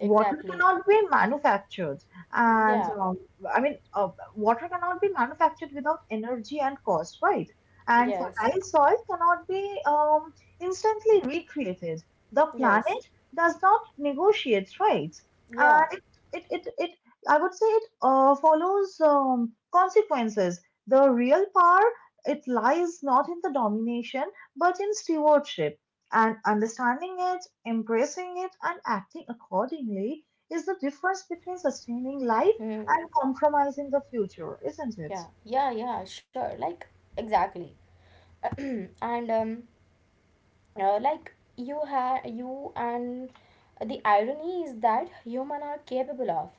water
exactly.
cannot be manufactured, and
Yeah,
I mean, uh, water cannot be manufactured without energy and cost, right? And
yes,
fertile soil cannot be instantly recreated. The
yes,
planet does not negotiate, right?
yeah,
And it, I would say it follows consequences. The real power, it lies not in the domination but in stewardship. And understanding it, embracing it, and acting accordingly is the difference between sustaining life
hmm,
and compromising the future, isn't it?
yeah, sure, like, exactly. and, like you have you and the irony is that human are capable of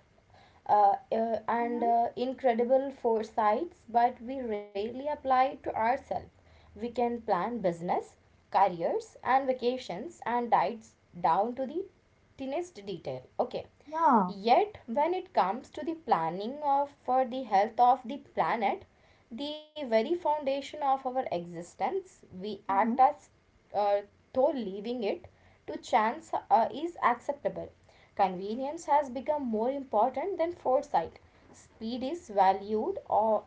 and
Hmm.
incredible foresights but we rarely apply it to ourselves. We can plan business careers and vacations and diets down to the tiniest detail, okay?
Yeah.
Yet when it comes to the planning of for the health of the planet, the very foundation of our existence. We act
Hmm.
as uh, though leaving it to chance is acceptable. Convenience has become more important than foresight. Speed is valued or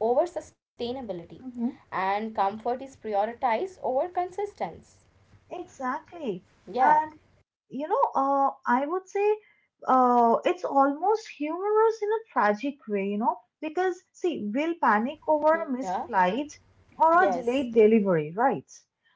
over sustainability,
Hmm.
and comfort is prioritized over consistency.
Exactly.
Yeah,
And you know, I would say it's almost humorous in a tragic way, you know, because see, we'll panic over a
yeah,
missed flight or a
yes,
delayed delivery, right?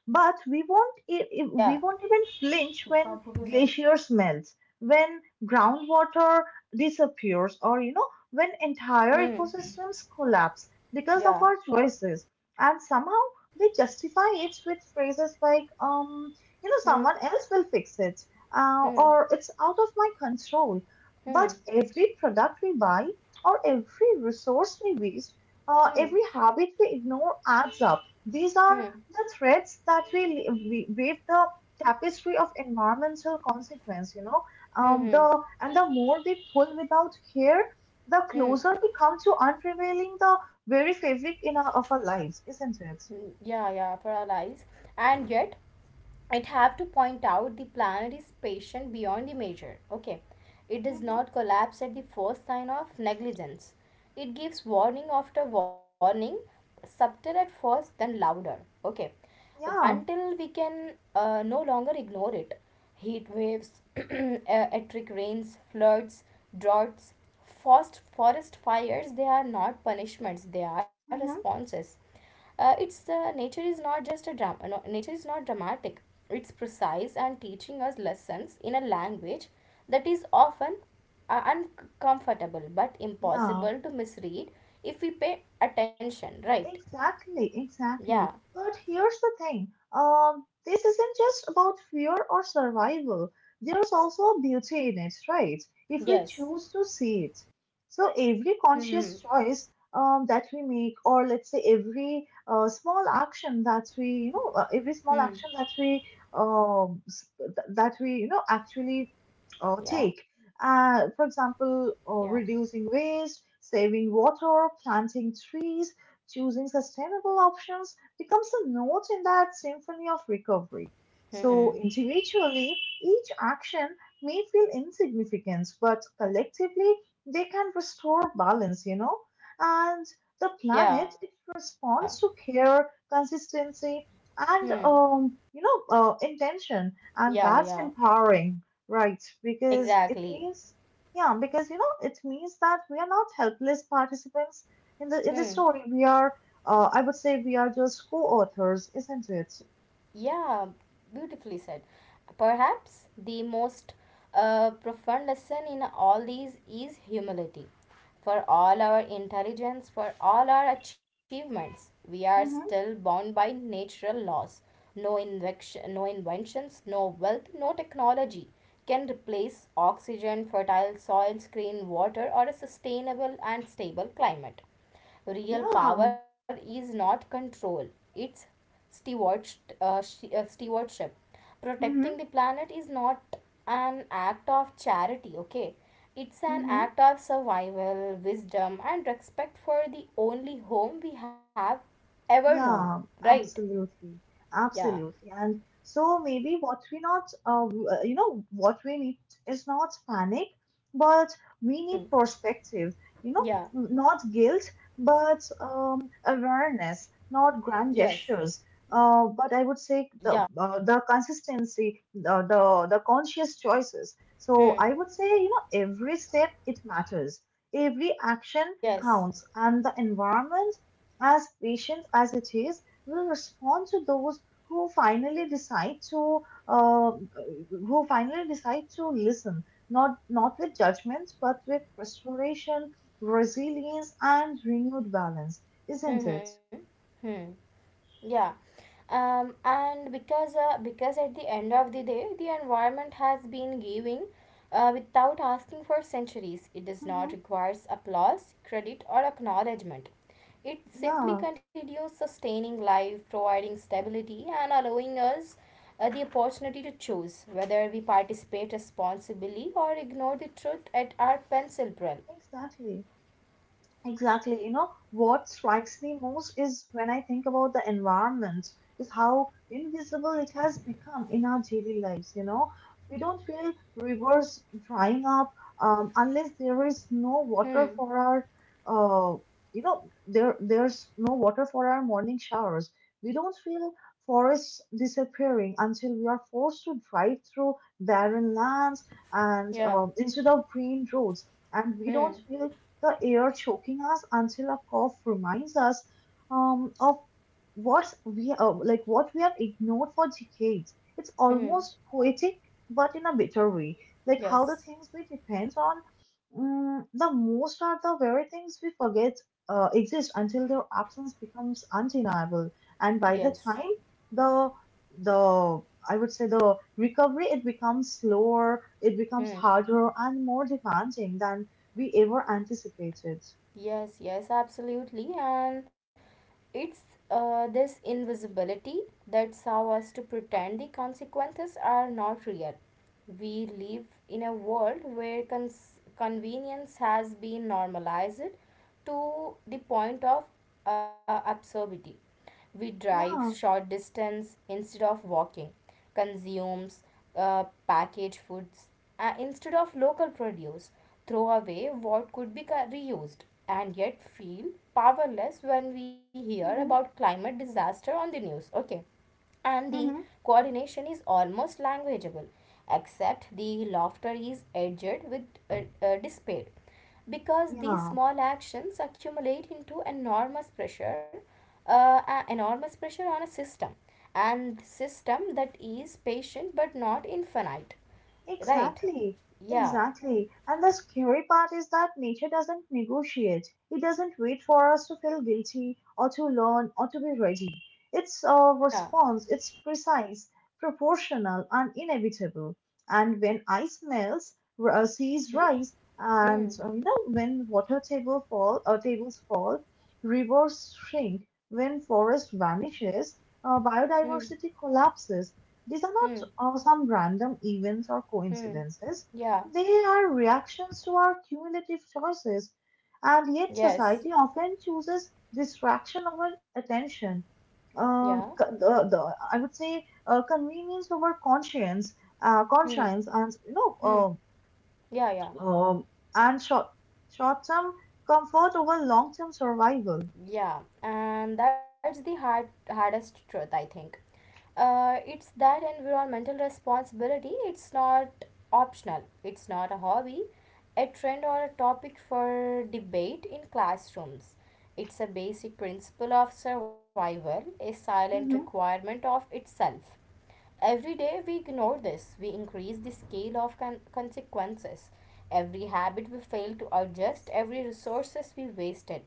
But
yeah.
we won't even flinch when glaciers melt, when groundwater disappears, or you know, when entire
Hmm.
ecosystems collapse because of
Yeah.
our choices. And somehow they justify it with phrases like, you know,
Hmm.
someone else will fix it,
Hmm.
or it's out of my control. But
Hmm.
every product we buy, or every resource we waste,
Hmm.
every habit we ignore adds up. These are
Hmm.
the threads that weave the tapestry of environmental consequence. You know,
Hmm. Hmm.
the And the more we pull without care, the
Hmm,
closer we come to unprevailing the very fabric of our lives, isn't it?
mm, Yeah, paralyzed. And yet, I'd have to point out the planet is patient beyond the measure. Okay, it does
Hmm.
not collapse at the first sign of negligence. It gives warning after warning, subtle at first, then louder. Okay,
Yeah.
until we can no longer ignore it. Heat waves, electric rains, floods, droughts, forest fires. They are not punishments; they are
Hmm.
responses. It's the nature is not just a drama. No, nature is not dramatic. It's precise and teaching us lessons in a language that is often uncomfortable but
Yeah.
impossible to misread if we pay attention. Right?
Exactly,
Yeah.
exactly. But here's the thing. This isn't just about fear or survival. There's also a beauty in it, right? If we
Yes.
choose to see it. So every
Hmm.
conscious choice that we make, or let's say every small action that we, you know, every small
Hmm.
action that we, you know, actually
Yeah.
take. For example,
Yeah.
reducing waste, saving water, planting trees, choosing sustainable options becomes a note in that symphony of recovery. So,
Hmm.
individually, each action may feel insignificant, but collectively, they can restore balance, you know. And the
Yeah.
planet, it responds to care, consistency, and,
Hmm.
intention. And
Yeah.
that's
Yeah.
empowering, right? Because it
Exactly.
means yeah, because you know, it means that we are not helpless participants in the
Hmm.
story, we are I would say we are just co-authors, isn't it?
Yeah, beautifully said. Perhaps the most profound lesson in all these is humility. For all our intelligence, for all our achievements, we are still
Mm-hmm.
bound by natural laws. No, invection, no inventions, no wealth, no technology can replace oxygen, fertile soils, clean water, or a sustainable and stable climate. Real
Yeah.
power is not control, it's steward, stewardship. Protecting
Mm-hmm.
the planet is not an act of charity, okay? It's an
Mm-hmm.
act of survival, wisdom, and respect for the only home we have ever known,
Yeah,
right?
absolutely.
Yeah.
Absolutely. And so maybe what we not, w- you know, what we need is not panic, but we need
Hmm.
perspective, you know,
Yeah.
not guilt, but awareness, not grand
Yes.
gestures.
Yeah.
But I would say the consistency, the conscious choices. So I would
Hmm.
say, you know, every step it matters. Every action counts,
Yes.
and the environment, as patient as it is, will respond to those who finally decide to uh, listen, not with judgments but with restoration, resilience, and renewed balance, isn't it?
Hmm. Hmm. Yeah. And because at the end of the day, the environment has been giving without asking for centuries. It does
Hmm.
not require applause, credit, or acknowledgement. It
Yeah,
simply continues sustaining life, providing stability, and allowing us the opportunity to choose whether we participate responsibly or ignore the truth at our pencil drill.
exactly. Exactly. You know, what strikes me most is when I think about the environment, is how invisible it has become in our daily lives. You know, we don't feel rivers drying up unless there is no
Hmm.
water for our, uh, you know, there there's no water for our morning showers. We don't feel forests disappearing until we are forced to drive through barren lands and
Yeah.
instead of green roads. And we don't
Hmm.
feel the air choking us until a cough reminds us of what we have ignored for decades. It's
Hmm.
almost poetic, but in a bitter way. Like how the
Yes.
things we depend on the most are the very things we forget exist until their absence becomes undeniable. And by the
Yes.
time the the I would say the recovery, it becomes slower, it
Hmm.
becomes harder and more demanding than we ever anticipated.
Yes, yes, absolutely. And it's this invisibility that's how us to pretend the consequences are not real. We live in a world where convenience has been normalized to the point of absurdity. We drive
Yeah.
short distance instead of walking, consumes packaged foods instead of local produce, throw away what could be reused, and yet feel powerless when we hear about
Hmm.
climate disaster on the news. Okay, and the
Hmm.
coordination is almost languageable, except the laughter is edged with despair because these
Yeah.
small actions accumulate into enormous pressure, enormous pressure on a system and system that is patient but not infinite, right?
Exactly,
Yeah.
exactly. And the scary part is that nature doesn't negotiate. It doesn't wait for us to feel guilty or to learn or to be ready. It's a
Yeah.
response, it's precise, proportional, and inevitable. And when ice melts, seas
Mm-hmm.
rise,
Hmm.
and you know when water tables fall, rivers shrink. When forest vanishes,
Hmm.
biodiversity collapses, these are
Hmm.
not some random events or
Hmm.
coincidences.
Yeah.
They are reactions to our cumulative choices, and yet
Yes.
society often chooses distraction over attention.
Yeah.
I would say convenience over conscience, uh,
Hmm.
conscience, and you know,
Hmm.
uh,
Yeah. Yeah.
um, and short term comfort over long term survival.
Yeah, and that's the hardest truth I think. It's that environmental responsibility it's not optional, it's not a hobby, a trend or a topic for debate in classrooms. It's a basic principle of survival, a silent
Hmm.
requirement of itself. Every day we ignore this, we increase the scale of consequences. Every habit we fail to adjust, every resources we wasted,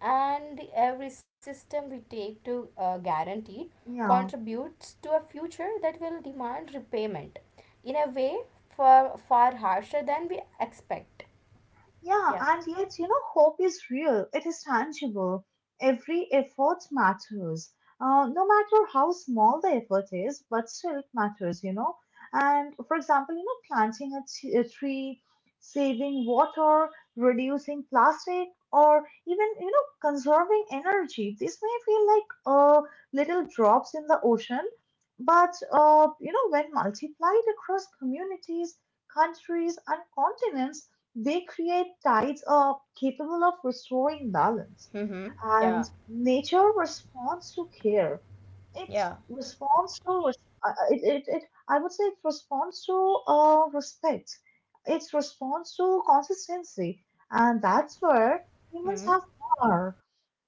and every system we take to guarantee
Yeah.
contributes to a future that will demand repayment in a way far, far harsher than we expect.
Yeah,
Yeah.
and yet, you know, hope is real. It is tangible. Every effort matters, no matter how small the effort is, but still it matters, you know. And for example, you know, planting a tree, saving water, reducing plastic, or even, you know, conserving energy. These may feel like little drops in the ocean, but, you know, when multiplied across communities, countries, and continents, they create tides are capable of restoring balance.
Mm-hmm.
And
Yeah,
nature responds to care. It
yeah.
responds to, uh, uh, it, it, it, I would say it responds to respect. It responds to consistency. And that's where humans have power,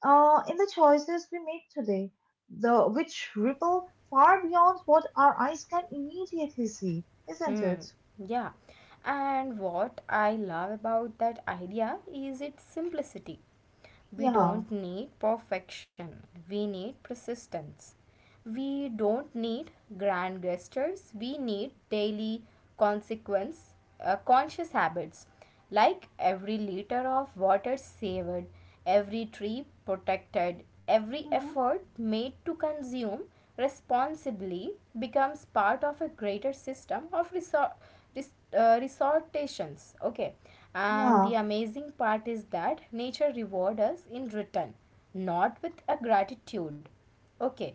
in the choices we make today, which ripple far beyond what our eyes can immediately see, isn't
Hmm.
it?
Yeah. And what I love about that idea is its simplicity. We
Yeah.
don't need perfection. We need persistence. We don't need grand gestures. We need daily consequence, conscious habits. Like every liter of water saved, every tree protected, every
Hmm.
effort made to consume responsibly becomes part of a greater system of resortations. Okay, and the
Yeah.
amazing part is that nature rewards us in return, not with a gratitude, okay,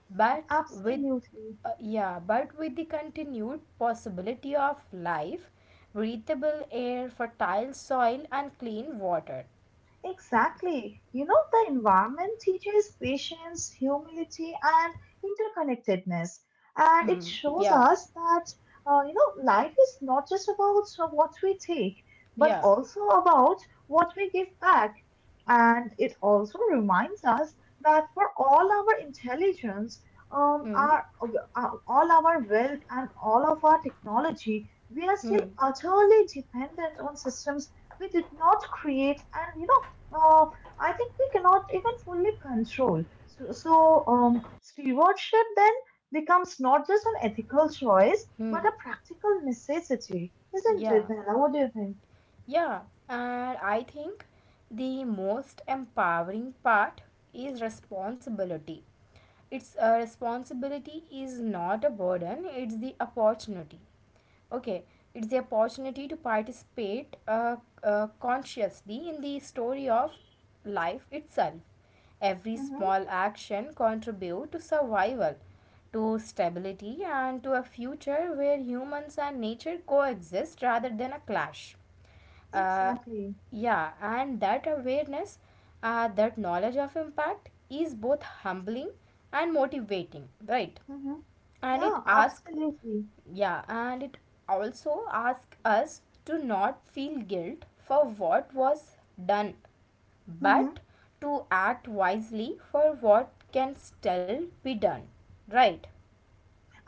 but with
Absolutely.
the continued possibility of life, breathable air, fertile soil, and clean water.
Exactly. You know, the environment teaches patience, humility, and interconnectedness. And it
Hmm.
shows
Yeah.
us that, you know, life is not just about what we take, but
Yeah.
also about what we give back. And it also reminds us that for all our intelligence, um,
Hmm.
our, all our wealth, and all of our technology, we are still
Hmm.
utterly dependent on systems we did not create and, you know, uh, I think we cannot even fully control. So stewardship then becomes not just an ethical choice, but a practical necessity, isn't it,
Yeah.
Nella? What do you think?
Yeah, and I think the most empowering part is responsibility. It's a responsibility is not a burden, it's the opportunity. Okay, it's the opportunity to participate consciously in the story of life itself. Every
Mm-hmm.
small action contribute to survival, to stability and to a future where humans and nature coexist rather than a clash uh,
Exactly.
yeah, and that awareness, that knowledge of impact is both humbling and motivating, right?
Mm-hmm.
And it
Yeah,
asks,
absolutely.
yeah, and it also asks us to not feel guilt for what was done
Mm-hmm.
but to act wisely for what can still be done, right?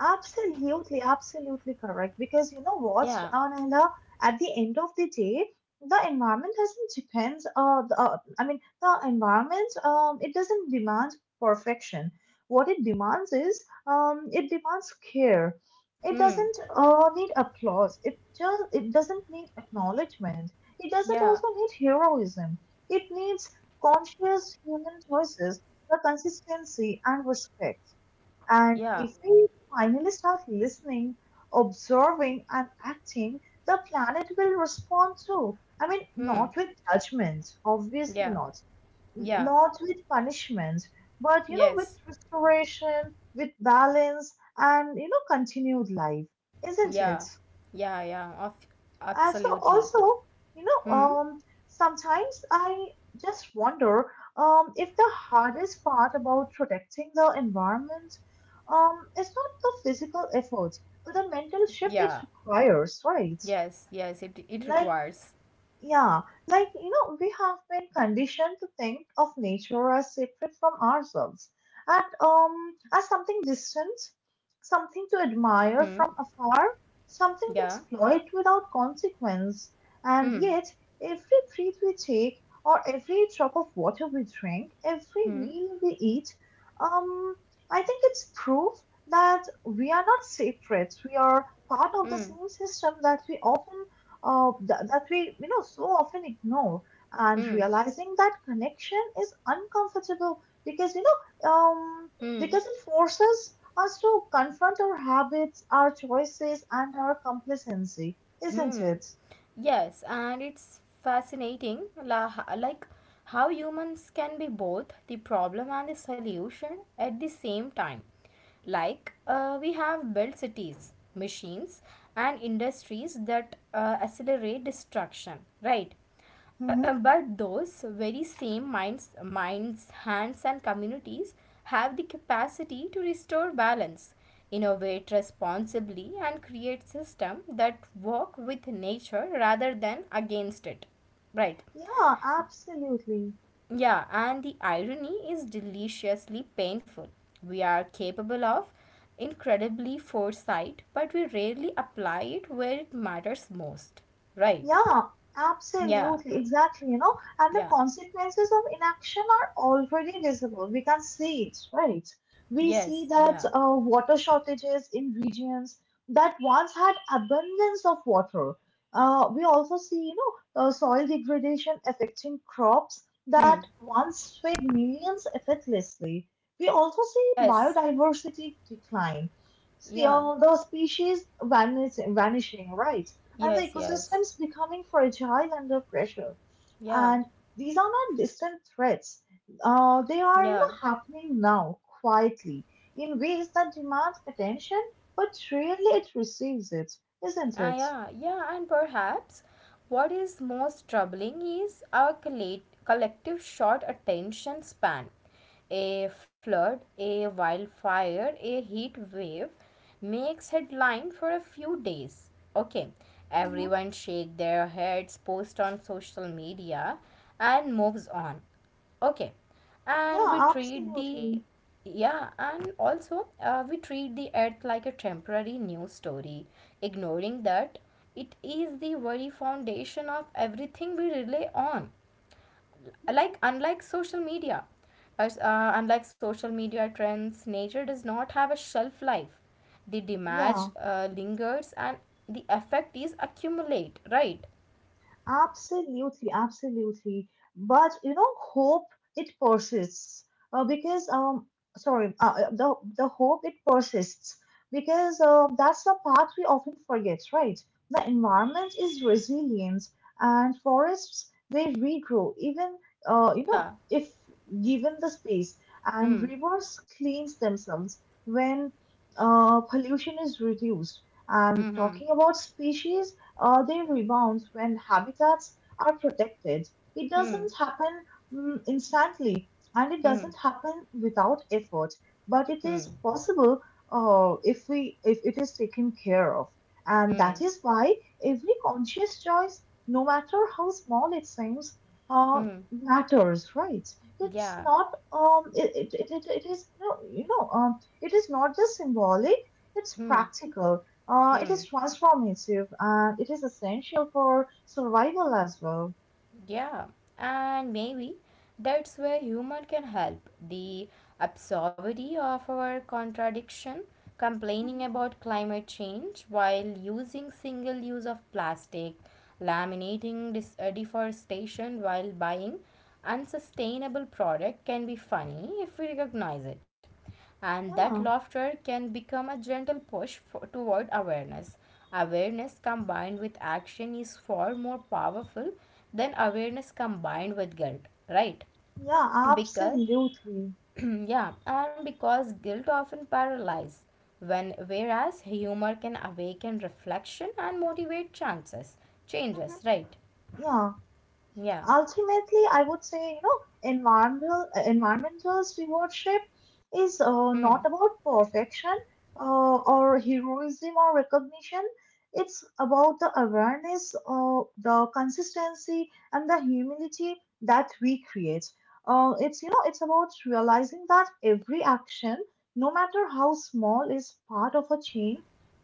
Absolutely, absolutely correct. Because you know what,
Yeah.
Anela, at the end of the day, the environment doesn't depend. The, I mean, the environment, it doesn't demand perfection. What it demands is, it demands care. It
Hmm.
doesn't need applause. It doesn't need acknowledgement. It doesn't
Yeah.
also need heroism. It needs conscious human choices, the consistency and respect. And
Yeah.
if we finally start listening, observing, and acting, the planet will respond too. I mean,
Hmm.
not with judgment, obviously
Yeah.
not,
Yeah.
not with punishment, but
Yes.
with restoration, with balance, and continued life, isn't it?
Yeah, yeah, yeah, of
So
absolutely.
also, you know,
Hmm.
um, sometimes I just wonder if the hardest part about protecting the environment is not the physical effort, but the
Yeah.
mental shift it requires, right?
Yes, yes, it
Like
requires.
yeah, like, we have been conditioned to think of nature as separate from ourselves, and as something distant, something to admire
Hmm.
from afar, something to
Yeah.
exploit without consequence. And
Hmm.
yet, every breath we take, or every drop of water we drink, every
Hmm.
meal we eat, um, I think it's proof that we are not separate. We are part of the
Hmm.
same system that we often th- that we so often ignore, and
Hmm.
realizing that connection is uncomfortable because you know
Hmm.
because it forces us to confront our habits, our choices, and our complacency, isn't
Hmm.
it?
Yes, and it's fascinating la, like how humans can be both the problem and the solution at the same time. Like, we have built cities, machines, and industries that accelerate destruction, right?
Hmm.
But those very same minds, hands, and communities have the capacity to restore balance, innovate responsibly, and create systems that work with nature rather than against it, right?
Yeah, absolutely.
Yeah, and the irony is deliciously painful. We are capable of incredibly foresight, but we rarely apply it where it matters most. Right?
Yeah,
Yeah,
absolutely, exactly, and the
yeah,
consequences of inaction are already visible. We can see it, right?
yes,
We
yeah.
see that water shortages in regions that once had abundance of water. We also see, soil degradation affecting crops
Hmm.
that once fed millions effortlessly. We also see
Yes,
biodiversity decline. See,
yeah,
the species vanishing, right? And the
yes, yes.
ecosystems becoming fragile under pressure.
Yeah,
And these are not distant threats. They are,
yeah.
happening now, quietly, in ways that demand attention, but rarely it receives it, isn't it?
Yeah, yeah, and perhaps what is most troubling is our collective short attention span. A flood, a wildfire, a heat wave makes headline for a few days. Okay,
Hmm.
everyone shake their heads, post on social media, and moves on. Okay, and
Yeah,
we treat the
absolutely.
yeah, and also we treat the earth like a temporary news story, ignoring that it is the very foundation of everything we rely on. Like
Hmm.
unlike social media, as unlike social media trends, nature does not have a shelf life. The damage
Yeah.
lingers, and the effect is accumulate. Right?
Absolutely, absolutely. But hope it persists because sorry, the hope it persists because that's the part we often forget, right? The environment is resilient, and forests they regrow even
Yeah.
if given the space, and
Hmm.
rivers cleanse themselves when pollution is reduced. And
Hmm.
talking about species, they rebound when habitats are protected. It doesn't
Hmm.
happen, instantly, and it doesn't happen without effort, but
Hmm.
it
Hmm.
is possible if we if it is taken care of. And
Hmm.
that is why every conscious choice, no matter how small it seems, uh,
Hmm.
matters, right? It's
Yeah.
not it, it, it, it it is no you know it is not just symbolic, it's
Hmm.
practical, it
Hmm.
is transformative, and it is essential for survival as well.
Yeah. And maybe that's where humor can help. The absurdity of our contradiction, complaining
Mhm.
about climate change while using single use of plastic, laminating deforestation while buying unsustainable product can be funny if we recognize it. And that
Yeah,
laughter can become a gentle push for, toward awareness. Awareness combined with action is far more powerful than awareness combined with guilt, right?
yeah,
Because
absolutely.
yeah, and because guilt often paralyzes when whereas humor can awaken reflection and motivate chances changes,
Mhm.
right?
Yeah.
Yeah.
Ultimately, I would say, environmental environmental stewardship is, not about perfection or heroism or recognition. It's about the awareness, the consistency, and the humility that we create. It's, it's about realizing that every action, no matter how small, is part of a chain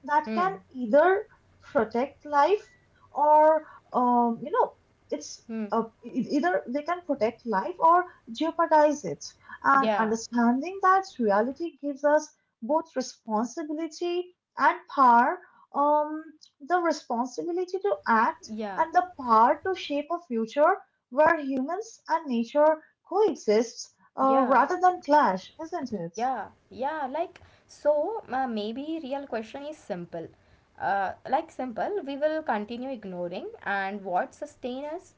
that can
Hmm.
either protect life or um, you know it's
Hmm.
either they can protect life or jeopardize it. And
Yeah.
understanding that reality gives us both responsibility and power, um, the responsibility to act
Yeah.
and the power to shape a future where humans and nature coexist,
Yeah.
rather than clash, isn't it?
Yeah, yeah, like so maybe real question is simple. We will continue ignoring and what sustain us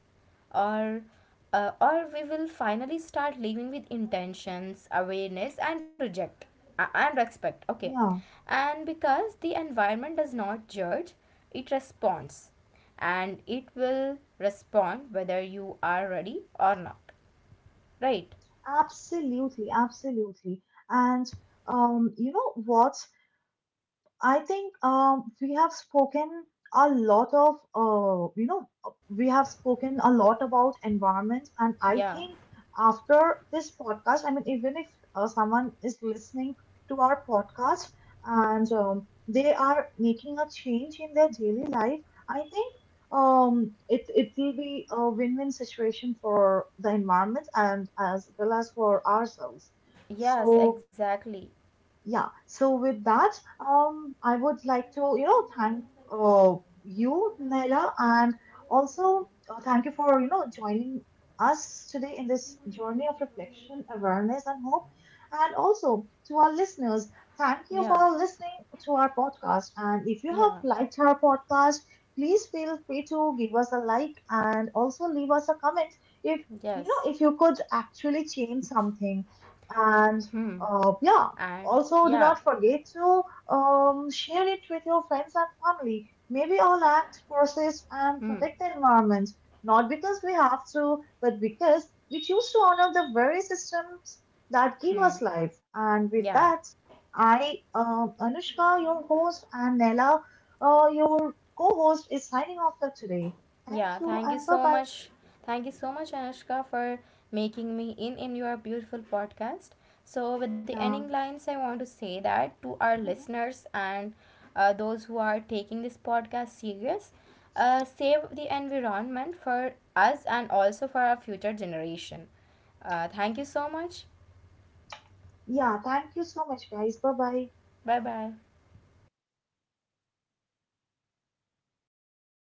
or we will finally start living with intentions, awareness and reject and respect. Okay.
Yeah,
And because the environment does not judge, it responds and it will respond whether you are ready or not. Right?
absolutely, absolutely.
Yeah.
And you know what? I think we have spoken a lot of, you know, we have spoken a lot about environments, and I
Yeah.
think after this podcast, I mean, even if someone is listening to our podcast and they are making a change in their daily life, I think it will be a win-win situation for the environment and as well as for ourselves.
Yes,
So.
exactly.
Yeah, so with that, I would like to, thank uh, you, Naila, and also thank you for, joining us today in this journey of reflection, awareness, and hope. And also to our listeners, thank
Yeah,
you for listening to our podcast. And if you
yeah,
have liked our podcast, please feel free to give us a like and also leave us a comment if,
yes.
if you could actually change something. And
Hmm.
yeah,
And
also, do
yeah,
not forget to share it with your friends and family. Maybe all act, process, and
hmm,
protect the environment, not because we have to, but because we choose to honor the very systems that give
hmm.
us life. And with
Yeah,
that, I, Anushka, your host, and Nella, your co host, is signing off for today. Thank
yeah.
you
Thank you
and bye
so
bye.
much. Thank you so much, Anushka, for making me in your beautiful podcast. So, with the ending
Yeah.
lines, I want to say that to our
Mhm.
listeners and those who are taking this podcast serious, save the environment for us and also for our future generation. Thank you so much.
Yeah, thank you so much, guys. Bye bye.
Bye bye.